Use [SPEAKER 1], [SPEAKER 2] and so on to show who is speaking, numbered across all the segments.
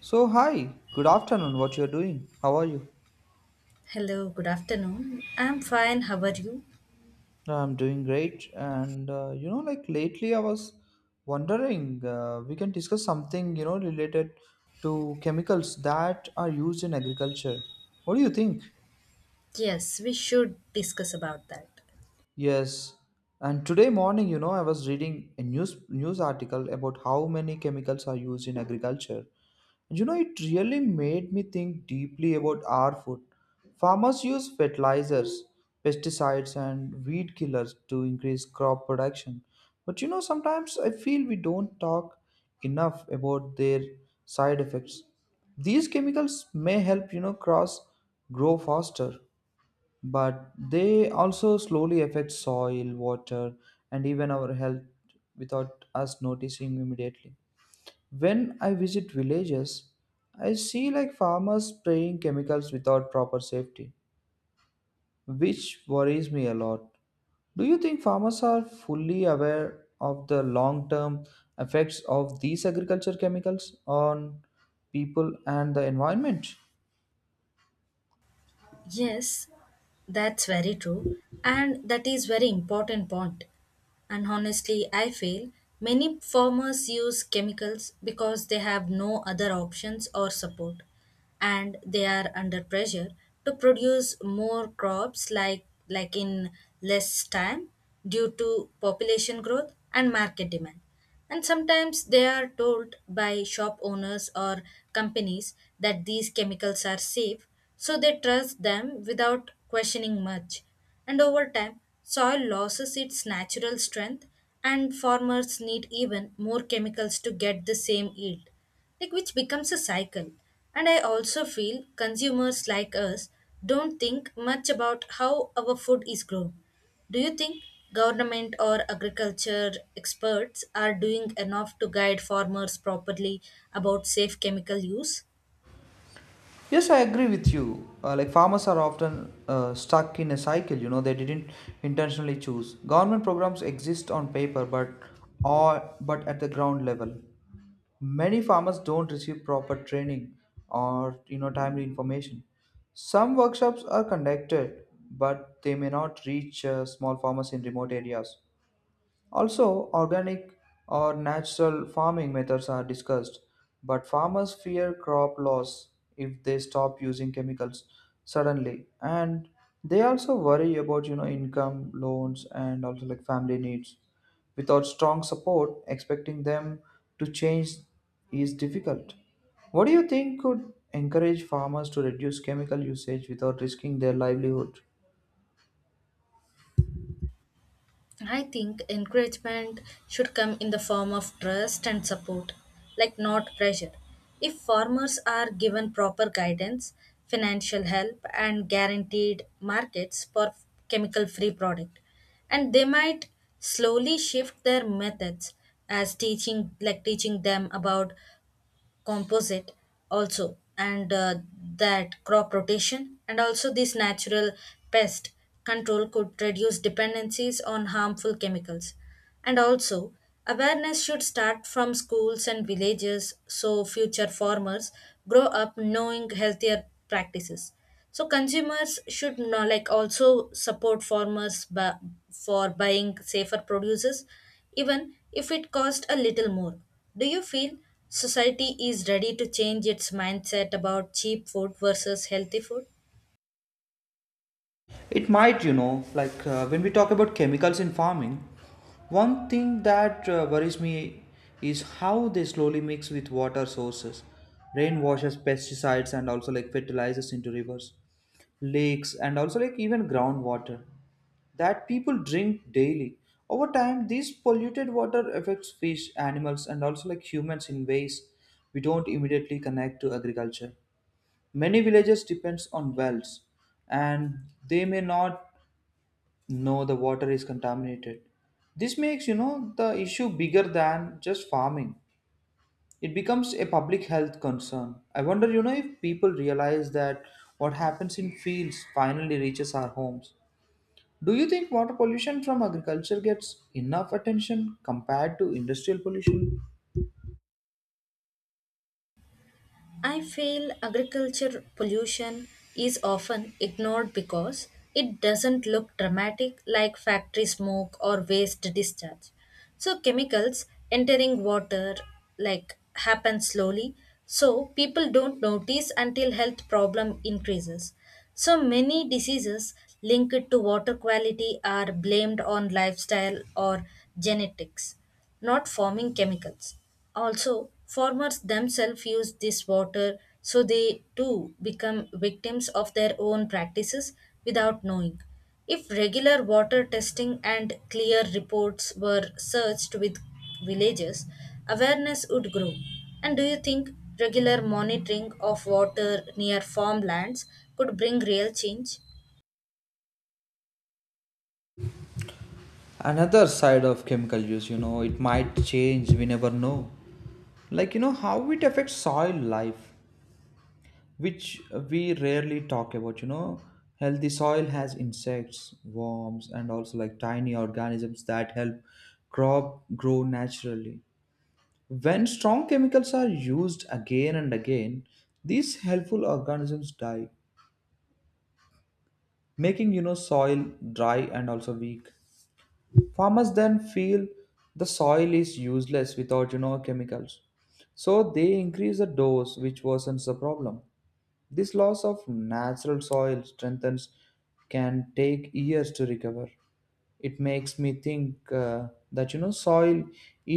[SPEAKER 1] So, hi, good afternoon. What you're doing? How are you?
[SPEAKER 2] Hello, good afternoon. I'm fine. How are you?
[SPEAKER 1] I'm doing great. And like lately, I was wondering we can discuss something related to chemicals that are used in agriculture. What do you think?
[SPEAKER 2] Yes, we should discuss about that.
[SPEAKER 1] Yes. And today morning, I was reading a news article about how many chemicals are used in agriculture. It really made me think deeply about our food. Farmers use fertilizers, pesticides, and weed killers to increase crop production. But sometimes I feel we don't talk enough about their side effects. These chemicals may help, crops grow faster, but they also slowly affect soil, water, and even our health without us noticing immediately. When I visit villages, I see like farmers spraying chemicals without proper safety, which worries me a lot. Do you think farmers are fully aware of the long term effects of these agriculture chemicals on people and the environment?
[SPEAKER 2] Yes, that's very true and that is very important point. And honestly, I feel many farmers use chemicals because they have no other options or support and they are under pressure to produce more crops like in less time due to population growth and market demand. And sometimes they are told by shop owners or companies that these chemicals are safe, so they trust them without questioning much. And over time, soil loses its natural strength, and farmers need even more chemicals to get the same yield, like which becomes a cycle. And I also feel consumers like us don't think much about how our food is grown. Do you think government or agriculture experts are doing enough to guide farmers properly about safe chemical use?
[SPEAKER 1] Yes, I agree with you. Like farmers are often stuck in a cycle, they didn't intentionally choose. Government programs exist on paper, but or but at the ground level, many farmers don't receive proper training or timely information. Some workshops are conducted, but they may not reach small farmers in remote areas. Also, organic or natural farming methods are discussed, but farmers fear crop loss if they stop using chemicals suddenly. And they also worry about income, loans, and also like family needs. Without strong support, expecting them to change is difficult. What do you think could encourage farmers to reduce chemical usage without risking their livelihood?
[SPEAKER 2] I think encouragement should come in the form of trust and support, like not pressure. If farmers are given proper guidance, financial help, and guaranteed markets for chemical free product, and they might slowly shift their methods as teaching them about composite also and that crop rotation and also this natural pest control could reduce dependencies on harmful chemicals and also awareness should start from schools and villages so future farmers grow up knowing healthier practices. So consumers should not like also support farmers for buying safer produces, even if it cost a little more. Do you feel society is ready to change its mindset about cheap food versus healthy food?
[SPEAKER 1] It might, when we talk about chemicals in farming, one thing that worries me is how they slowly mix with water sources. Rain washes pesticides and also like fertilizers into rivers, lakes, and also like even groundwater that people drink daily. Over time, this polluted water affects fish, animals, and also like humans in ways we don't immediately connect to agriculture. Many villages depends on wells and they may not no, the water is contaminated. This makes, the issue bigger than just farming. It becomes a public health concern. I wonder, if people realize that what happens in fields finally reaches our homes. Do you think water pollution from agriculture gets enough attention compared to industrial pollution?
[SPEAKER 2] I feel agriculture pollution is often ignored because it doesn't look dramatic like factory smoke or waste discharge. So chemicals entering water like happen slowly so people don't notice until health problem increases. So many diseases linked to water quality are blamed on lifestyle or genetics, not farming chemicals. Also, farmers themselves use this water so they too become victims of their own practices without knowing. If regular water testing and clear reports were searched with villages, awareness would grow. And do you think regular monitoring of water near farmlands could bring real change?
[SPEAKER 1] Another side of chemical use, it might change, we never know like how it affects soil life which we rarely talk about, healthy soil has insects, worms, and also like tiny organisms that help crop grow naturally. When strong chemicals are used again and again, these helpful organisms die, making soil dry and also weak. Farmers then feel the soil is useless without chemicals, so they increase the dose, which worsens the problem. This loss of natural soil strengthens can take years to recover. It makes me think that soil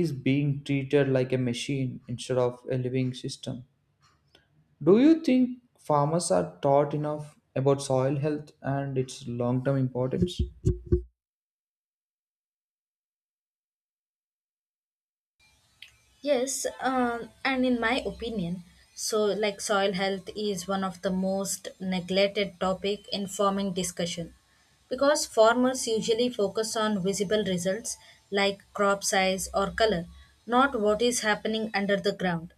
[SPEAKER 1] is being treated like a machine instead of a living system. Do you think farmers are taught enough about soil health and its long-term importance?
[SPEAKER 2] Yes, and in my opinion, so like soil health is one of the most neglected topic in farming discussion because farmers usually focus on visible results like crop size or color, not what is happening under the ground.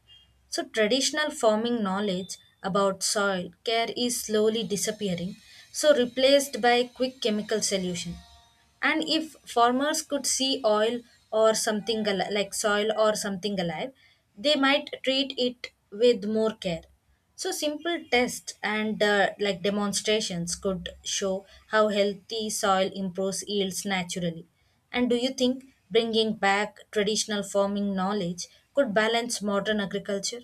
[SPEAKER 2] So traditional farming knowledge about soil care is slowly disappearing, so replaced by quick chemical solution, and if farmers could see oil or something al- like soil or something alive they might treat it with more care. So simple tests and like demonstrations could show how healthy soil improves yields naturally. And do you think bringing back traditional farming knowledge could balance modern agriculture?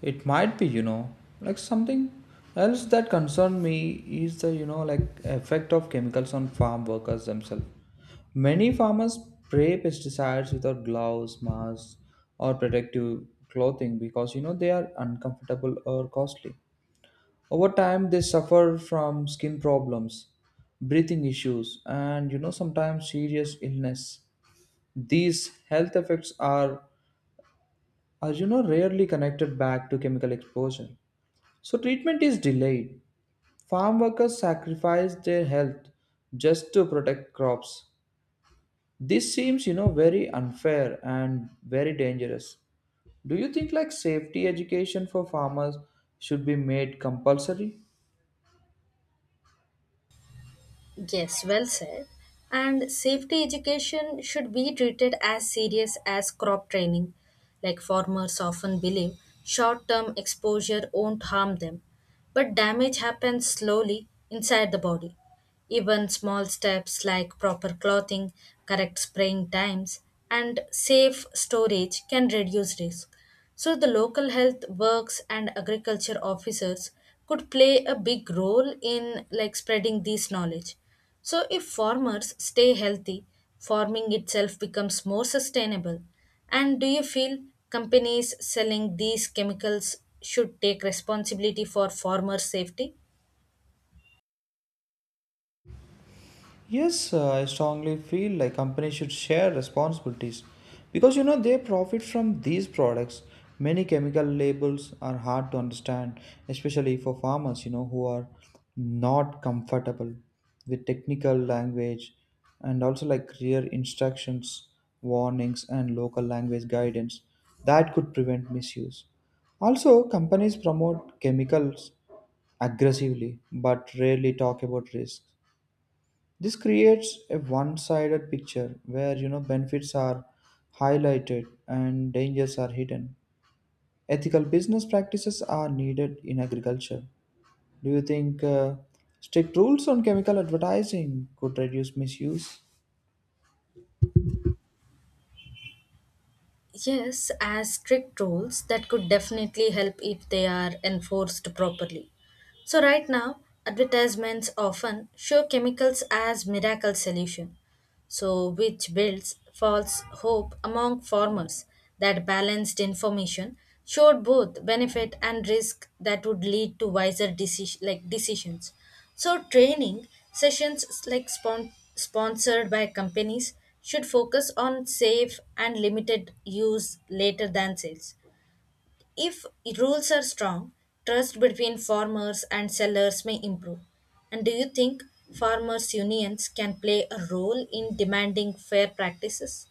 [SPEAKER 1] It might be, like something else that concerned me is the, like effect of chemicals on farm workers themselves. Many farmers spray pesticides without gloves, masks, or protective clothing because, they are uncomfortable or costly. Over time, they suffer from skin problems, breathing issues, and, sometimes serious illness. These health effects are rarely connected back to chemical exposure, so treatment is delayed. Farm workers sacrifice their health just to protect crops. This seems, very unfair and very dangerous. Do you think like safety education for farmers should be made compulsory?
[SPEAKER 2] Yes, well said. And safety education should be treated as serious as crop training. Like farmers often believe short term exposure won't harm them, but damage happens slowly inside the body. Even small steps like proper clothing, correct spraying times, and safe storage can reduce risk. So, the local health works and agriculture officers could play a big role in like spreading this knowledge. So, if farmers stay healthy, farming itself becomes more sustainable. And do you feel companies selling these chemicals should take responsibility for farmer safety?
[SPEAKER 1] Yes, I strongly feel like companies should share responsibilities because they profit from these products. Many chemical labels are hard to understand, especially for farmers, who are not comfortable with technical language and also like clear instructions, warnings, and local language guidance that could prevent misuse. Also, companies promote chemicals aggressively but rarely talk about risks. This creates a one-sided picture where benefits are highlighted and dangers are hidden. Ethical business practices are needed in agriculture. Do you think strict rules on chemical advertising could reduce misuse?
[SPEAKER 2] Yes, as strict rules that could definitely help if they are enforced properly. So right now, advertisements often show chemicals as miracle solution, so which builds false hope among farmers that balanced information showed both benefit and risk that would lead to wiser decisions. So training sessions like sponsored by companies should focus on safe and limited use later than sales. If rules are strong, trust between farmers and sellers may improve. And do you think farmers' unions can play a role in demanding fair practices?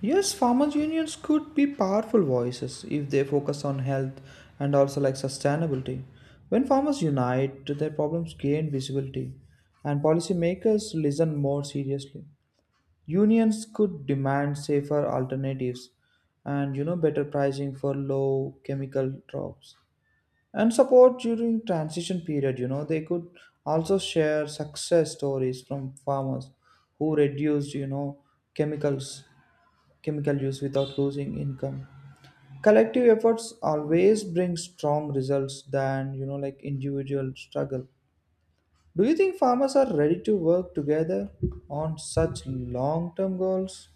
[SPEAKER 1] Yes, farmers unions could be powerful voices if they focus on health and also like sustainability. When farmers unite, their problems gain visibility and policymakers listen more seriously. Unions could demand safer alternatives and better pricing for low chemical crops and support during transition period. You know, they could also share success stories from farmers who reduced chemicals chemical use without losing income. Collective efforts always bring strong results than like individual struggle. Do you think farmers are ready to work together on such long term goals?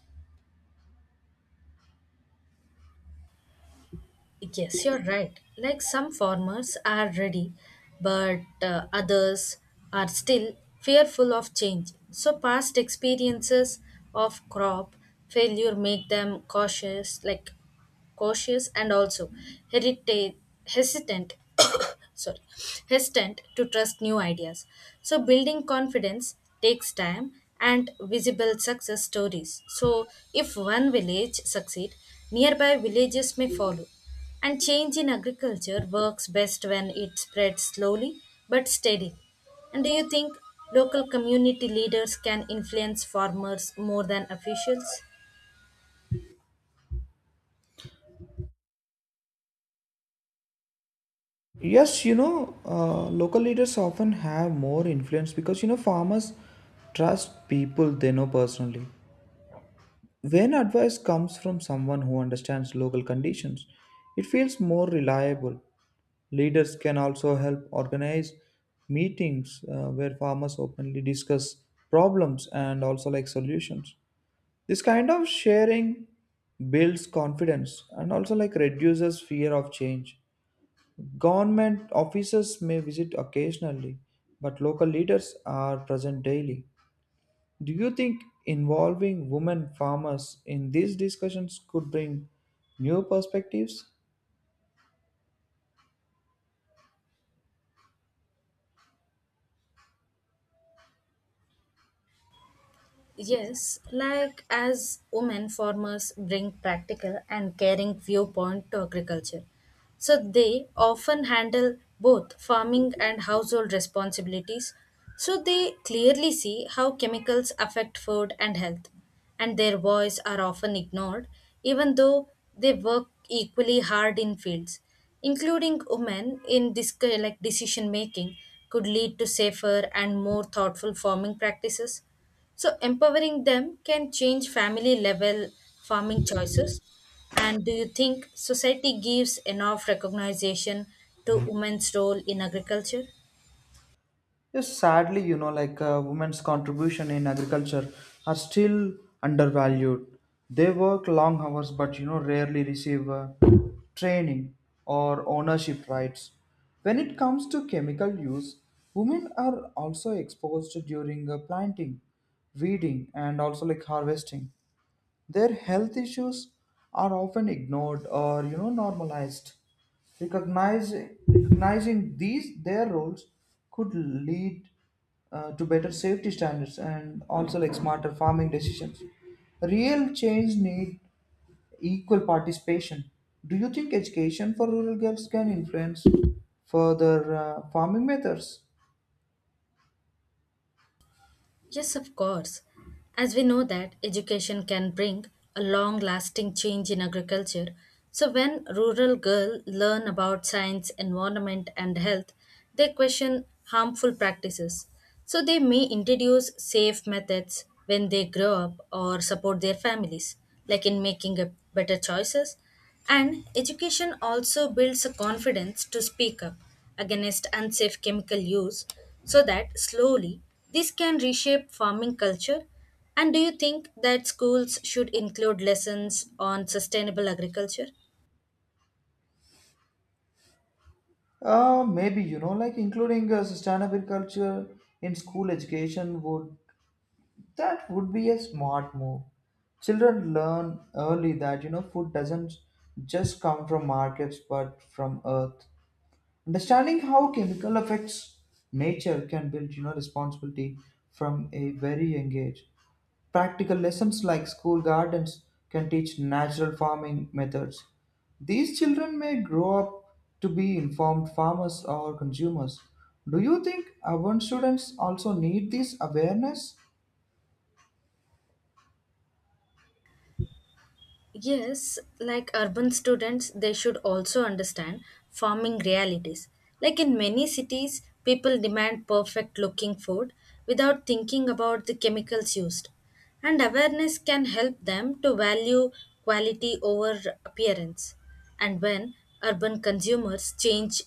[SPEAKER 2] Yes, you're right. Like some farmers are ready, but others are still fearful of change. So, past experiences of crop failure make them cautious and also heritage hesitant sorry, hesitant to trust new ideas. So, building confidence takes time and visible success stories. So, if one village succeed, nearby villages may follow. And change in agriculture works best when it spreads slowly but steadily. And do you think local community leaders can influence farmers more than officials?
[SPEAKER 1] Yes, local leaders often have more influence because farmers trust people they know personally. When advice comes from someone who understands local conditions, it feels more reliable. Leaders can also help organize meetings where farmers openly discuss problems and also like solutions. This kind of sharing builds confidence and also like reduces fear of change. Government officers may visit occasionally, but local leaders are present daily. Do you think involving women farmers in these discussions could bring new perspectives?
[SPEAKER 2] Yes, like as women farmers bring practical and caring viewpoint to agriculture. So they often handle both farming and household responsibilities. So they clearly see how chemicals affect food and health, and their voice are often ignored even though they work equally hard in fields. Including women in this decision making could lead to safer and more thoughtful farming practices, so empowering them can change family level farming choices. And do you think society gives enough recognition to women's role in agriculture?
[SPEAKER 1] Yes, sadly, women's contribution in agriculture are still undervalued. They work long hours, but rarely receive training or ownership rights. When it comes to chemical use, women are also exposed during planting, weeding, and also like harvesting. Their health issues are often ignored or normalized. Recognize, recognizing these their roles could lead to better safety standards and also like smarter farming decisions. Real change need equal participation. Do you think education for rural girls can influence further farming methods?
[SPEAKER 2] Yes, of course. As we know that education can bring a long lasting change in agriculture. So when rural girls learn about science, environment and health, they question harmful practices. So they may introduce safe methods when they grow up or support their families, like in making a better choices. And education also builds a confidence to speak up against unsafe chemical use so that slowly this can reshape farming culture. And do you think that schools should include lessons on sustainable agriculture?
[SPEAKER 1] Maybe like including sustainable culture in school education would that would be a smart move. Children learn early that food doesn't just come from markets but from earth. Understanding how chemical affects nature can build responsibility from a very young age. Practical lessons like school gardens can teach natural farming methods. These children may grow up to be informed farmers or consumers. Do you think urban students also need this awareness?
[SPEAKER 2] Yes, like urban students, they should also understand farming realities. Like in many cities, people demand perfect looking food without thinking about the chemicals used. And awareness can help them to value quality over appearance. And when urban consumers change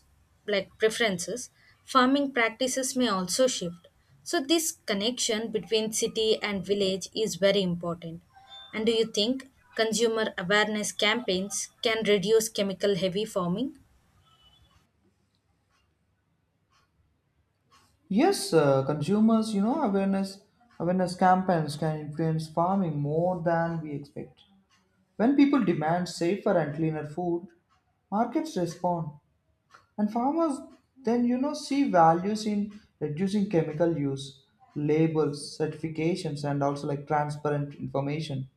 [SPEAKER 2] like preferences, farming practices may also shift. So this connection between city and village is very important. And do you think consumer awareness campaigns can reduce chemical heavy farming?
[SPEAKER 1] Yes, consumers, awareness campaigns can influence farming more than we expect. When people demand safer and cleaner food, markets respond, and farmers then see values in reducing chemical use, labels, certifications, and also like transparent information.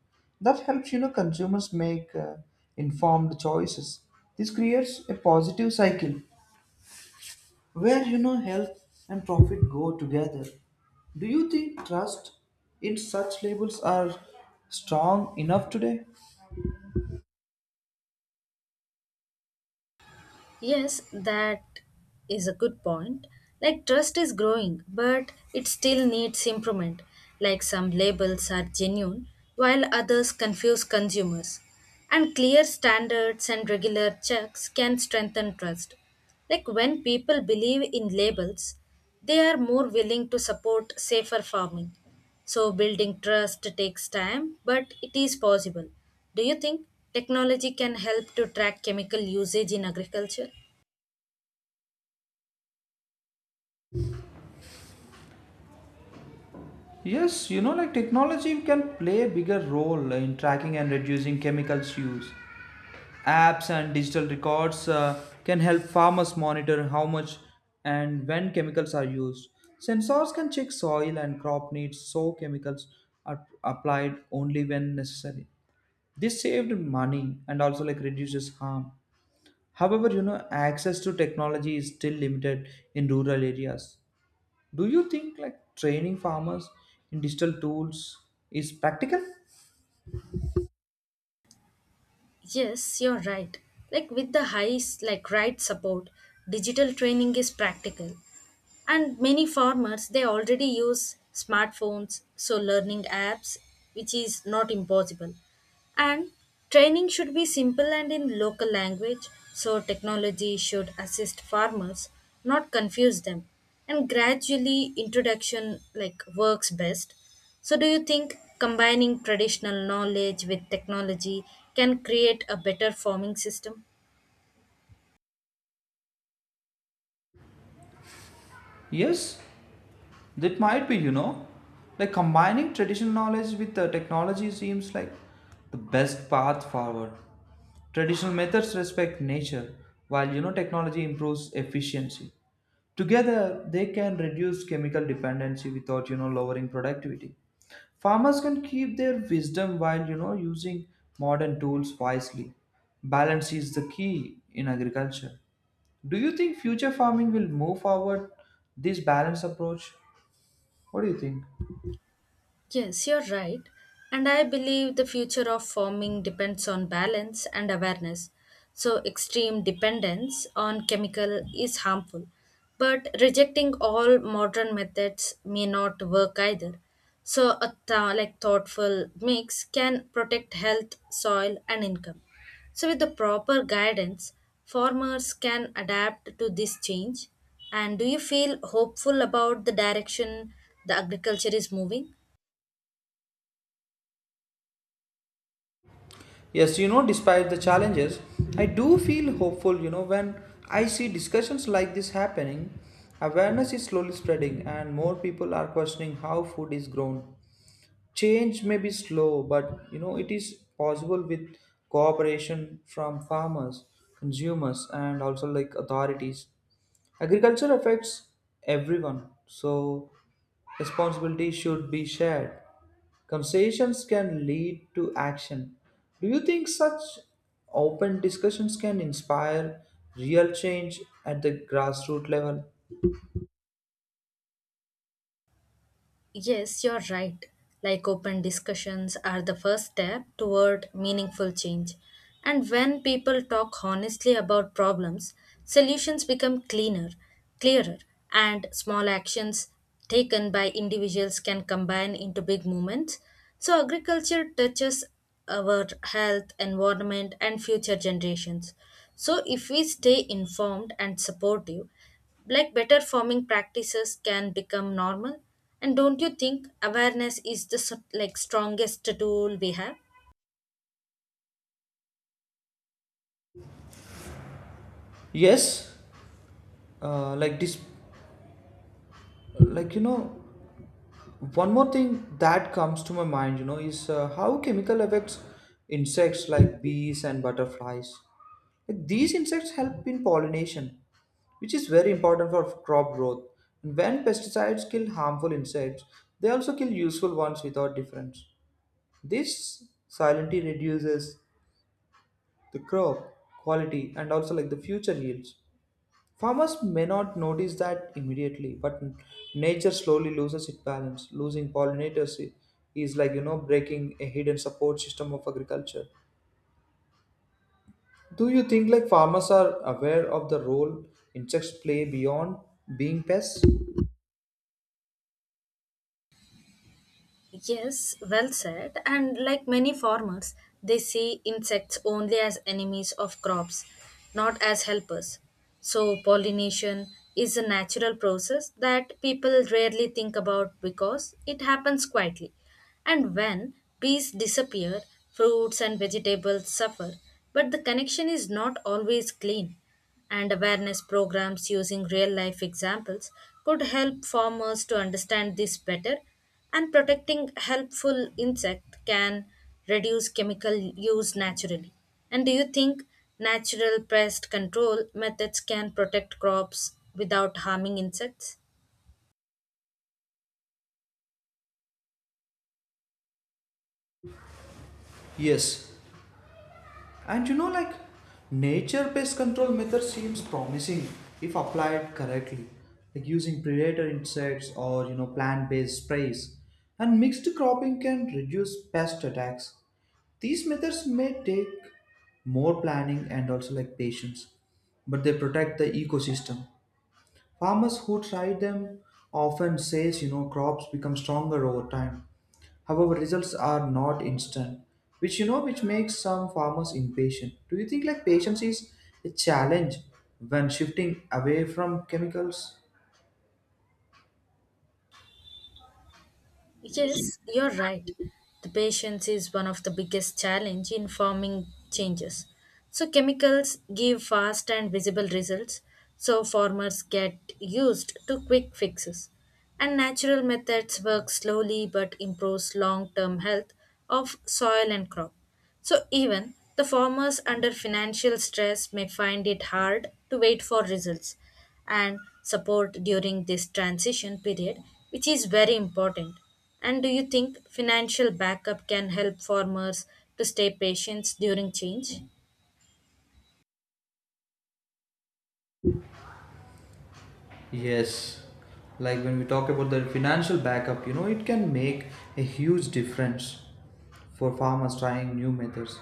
[SPEAKER 1] That helps consumers make informed choices. This creates a positive cycle where health and profit go together. Do you think trust in such labels are strong enough today?
[SPEAKER 2] Yes, that is a good point. Like trust is growing, but it still needs improvement. Like some labels are genuine, while others confuse consumers. And clear standards and regular checks can strengthen trust. Like when people believe in labels, they are more willing to support safer farming. So, building trust takes time, but it is possible. Do you think technology can help to track chemical usage in agriculture?
[SPEAKER 1] Yes, like technology can play a bigger role in tracking and reducing chemicals use. Apps and digital records can help farmers monitor how much and when chemicals are used. Sensors can check soil and crop needs, so chemicals are applied only when necessary. This saved money and also like reduces harm. However, access to technology is still limited in rural areas. Do you think like training farmers in digital tools is practical?
[SPEAKER 2] Yes, you're right. Like with the high s- like right support, digital training is practical. And many farmers they already use smartphones, so learning apps, which is not impossible. And training should be simple and in local language, so technology should assist farmers, not confuse them. And gradually introduction like works best. So, do you think combining traditional knowledge with technology can create a better farming system?
[SPEAKER 1] Yes, that might be, like combining traditional knowledge with the technology seems like the best path forward. Traditional methods respect nature, while technology improves efficiency. Together, they can reduce chemical dependency without lowering productivity. Farmers can keep their wisdom while using modern tools wisely. Balance is the key in agriculture. Do you think future farming will move forward this balanced approach? What do you think?
[SPEAKER 2] Yes, you're right. And I believe the future of farming depends on balance and awareness. So, extreme dependence on chemical is harmful. But rejecting all modern methods may not work either. So, a thoughtful mix can protect health, soil, and income. So, with the proper guidance, farmers can adapt to this change. And do you feel hopeful about the direction the agriculture is moving?
[SPEAKER 1] Yes, despite the challenges, I do feel hopeful, when I see discussions like this happening. Awareness is slowly spreading, and more people are questioning how food is grown. Change may be slow, but it is possible with cooperation from farmers, consumers, and also like authorities. Agriculture affects everyone, so responsibility should be shared. Conversations can lead to action. Do you think such open discussions can inspire real change at the grassroots level?
[SPEAKER 2] Yes, you're right. Like open discussions are the first step toward meaningful change. And when people talk honestly about problems, solutions become cleaner, clearer, and small actions taken by individuals can combine into big movements. So agriculture touches our health, environment, and future generations. So, if we stay informed and supportive, like better farming practices can become normal. And don't you think awareness is the strongest tool we have?
[SPEAKER 1] Yes, like this like you know one more thing that comes to my mind, is how chemical affects insects like bees and butterflies. Like, these insects help in pollination, which is very important for crop growth. And when pesticides kill harmful insects, they also kill useful ones without difference. This silently reduces the crop quality and also like the future yields. Farmers may not notice that immediately, but nature slowly loses its balance. Losing is like breaking a hidden support system of agriculture. Do you think like farmers are aware of the role insects play beyond being pests?
[SPEAKER 2] Yes, well said. And like many farmers, they see insects only as enemies of crops, not as helpers. So, pollination is a natural process that people rarely think about because it happens quietly. And when bees disappear, fruits and vegetables suffer. But the connection is not always clean and awareness programs using real life examples could help farmers to understand this better and protecting helpful insect can reduce chemical use naturally. And do you think natural pest control methods can protect crops without harming insects?
[SPEAKER 1] Yes, and like nature pest control method seems promising if applied correctly, like using predator insects or plant-based sprays. And mixed cropping can reduce pest attacks. These methods may take more planning and also like patience, but they protect the ecosystem. Farmers who try them often says crops become stronger over time. However, results are not instant, which you know which makes some farmers impatient. Do you think like patience is a challenge when shifting away from chemicals?
[SPEAKER 2] Yes, you're right. The patience is one of the biggest challenge in farming changes. So chemicals give fast and visible results, so farmers get used to quick fixes. And natural methods work slowly but improves long-term health of soil and crop. So even the farmers under financial stress may find it hard to wait for results and support during this transition period, which is very important. And do you think financial backup can help farmers to stay patient during change?
[SPEAKER 1] Yes, like when we talk about the financial backup, it can make a huge difference for farmers trying new methods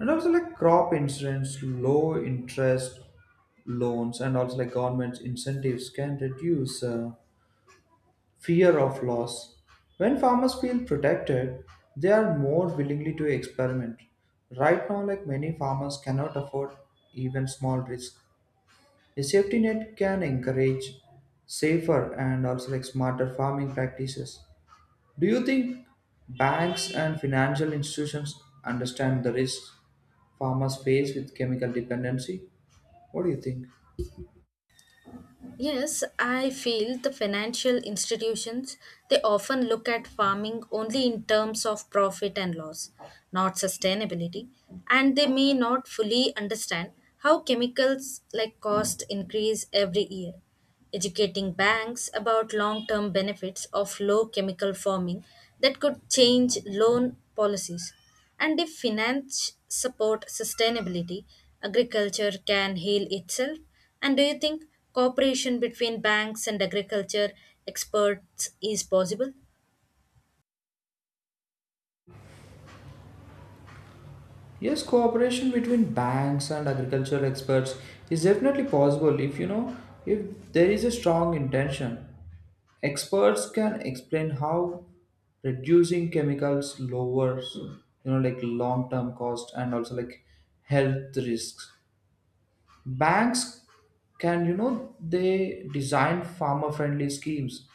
[SPEAKER 1] and also like crop insurance, low interest loans, and also like government incentives can reduce fear of loss. When farmers feel protected, they are more willingly to experiment. Right now, like many farmers cannot afford even small risk. A safety net can encourage safer and also like smarter farming practices. Do you think banks and financial institutions understand the risks farmers face with chemical dependency? What do you think?
[SPEAKER 2] Yes, I feel the financial institutions they often look at farming only in terms of profit and loss, not sustainability, and they may not fully understand how chemicals like cost increase every year. Educating banks about long-term benefits of low chemical farming that could change loan policies. And if finance support sustainability, agriculture can heal itself. And do you think cooperation between banks and agriculture experts is possible?
[SPEAKER 1] Yes, cooperation between banks and agricultural experts is definitely possible if if there is a strong intention. Experts can explain how reducing chemicals lowers like long term cost and also like health risks. Banks can, they design farmer-friendly schemes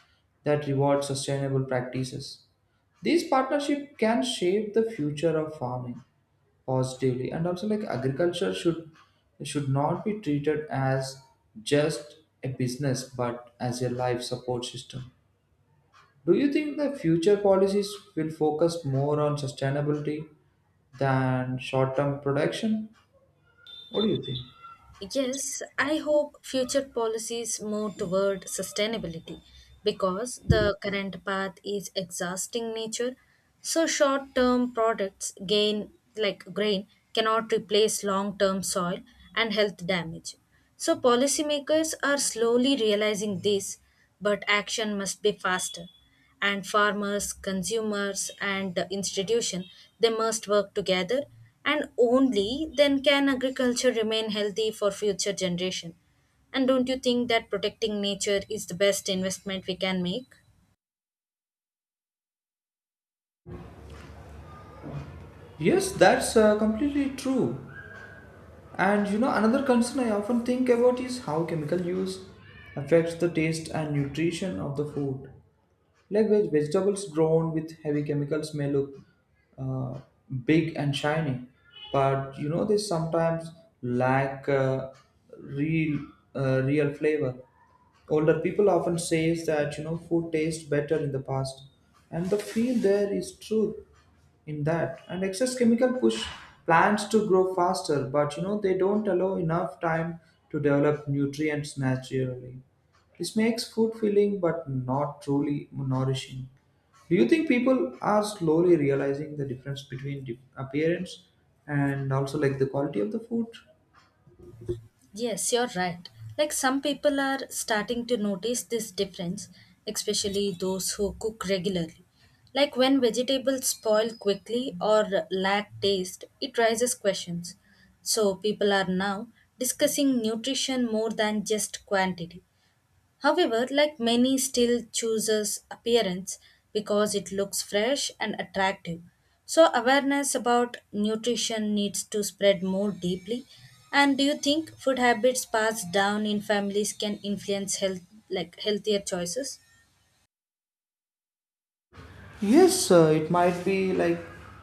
[SPEAKER 1] that reward sustainable practices. These partnership can shape the future of farming positively, and also like agriculture should not be treated as just a business, but as a life support system. Do you think the future policies will focus more on sustainability than short-term production? What do you think?
[SPEAKER 2] Yes, I hope future policies move toward sustainability because the current path is exhausting nature. So short term products gain like grain cannot replace long term soil and health damage. So policymakers are slowly realizing this, but action must be faster. And farmers consumers and the institution they must work together and only then can agriculture remain healthy for future generation. And don't you think that protecting nature is the best investment we can make?
[SPEAKER 1] Yes, that's completely true. And another concern I often think about is how chemical use affects the taste and nutrition of the food. Like vegetables grown with heavy chemicals may look uh, big and shiny, but they sometimes lack real real flavor. Older people often says that food tastes better in the past, and the feel there is true in that. And excess chemical push plants to grow faster, but they don't allow enough time to develop nutrients naturally. This makes food filling but not truly nourishing. Do you think people are slowly realizing the difference between appearance and also like the quality of the food?
[SPEAKER 2] Yes, you're right. Like some people are starting to notice this difference, especially those who cook regularly. Like when vegetables spoil quickly or lack taste, it raises questions. So people are now discussing nutrition more than just quantity. However, like many still chooses appearance because it looks fresh and attractive. So awareness about nutrition needs to spread more deeply. And do you think food habits passed down in families can influence health like healthier choices?
[SPEAKER 1] Yes, it might be like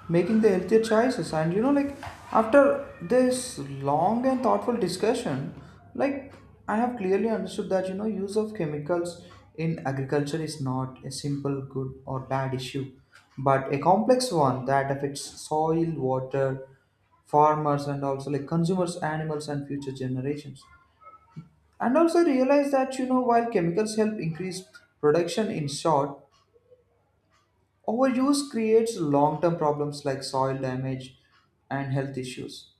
[SPEAKER 1] making the healthier choices, and like after this long and thoughtful discussion, like I have clearly understood that use of chemicals in agriculture is not a simple good or bad issue, but a complex one that affects soil, water, farmers, and also like consumers, animals, and future generations. And also realize that while chemicals help increase production in short, overuse creates long-term problems like soil damage and health issues.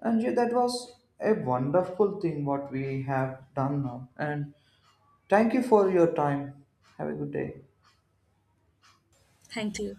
[SPEAKER 1] And yeah, that was a wonderful thing what we have done now. And thank you for your time. Have a good day.
[SPEAKER 2] Thank you.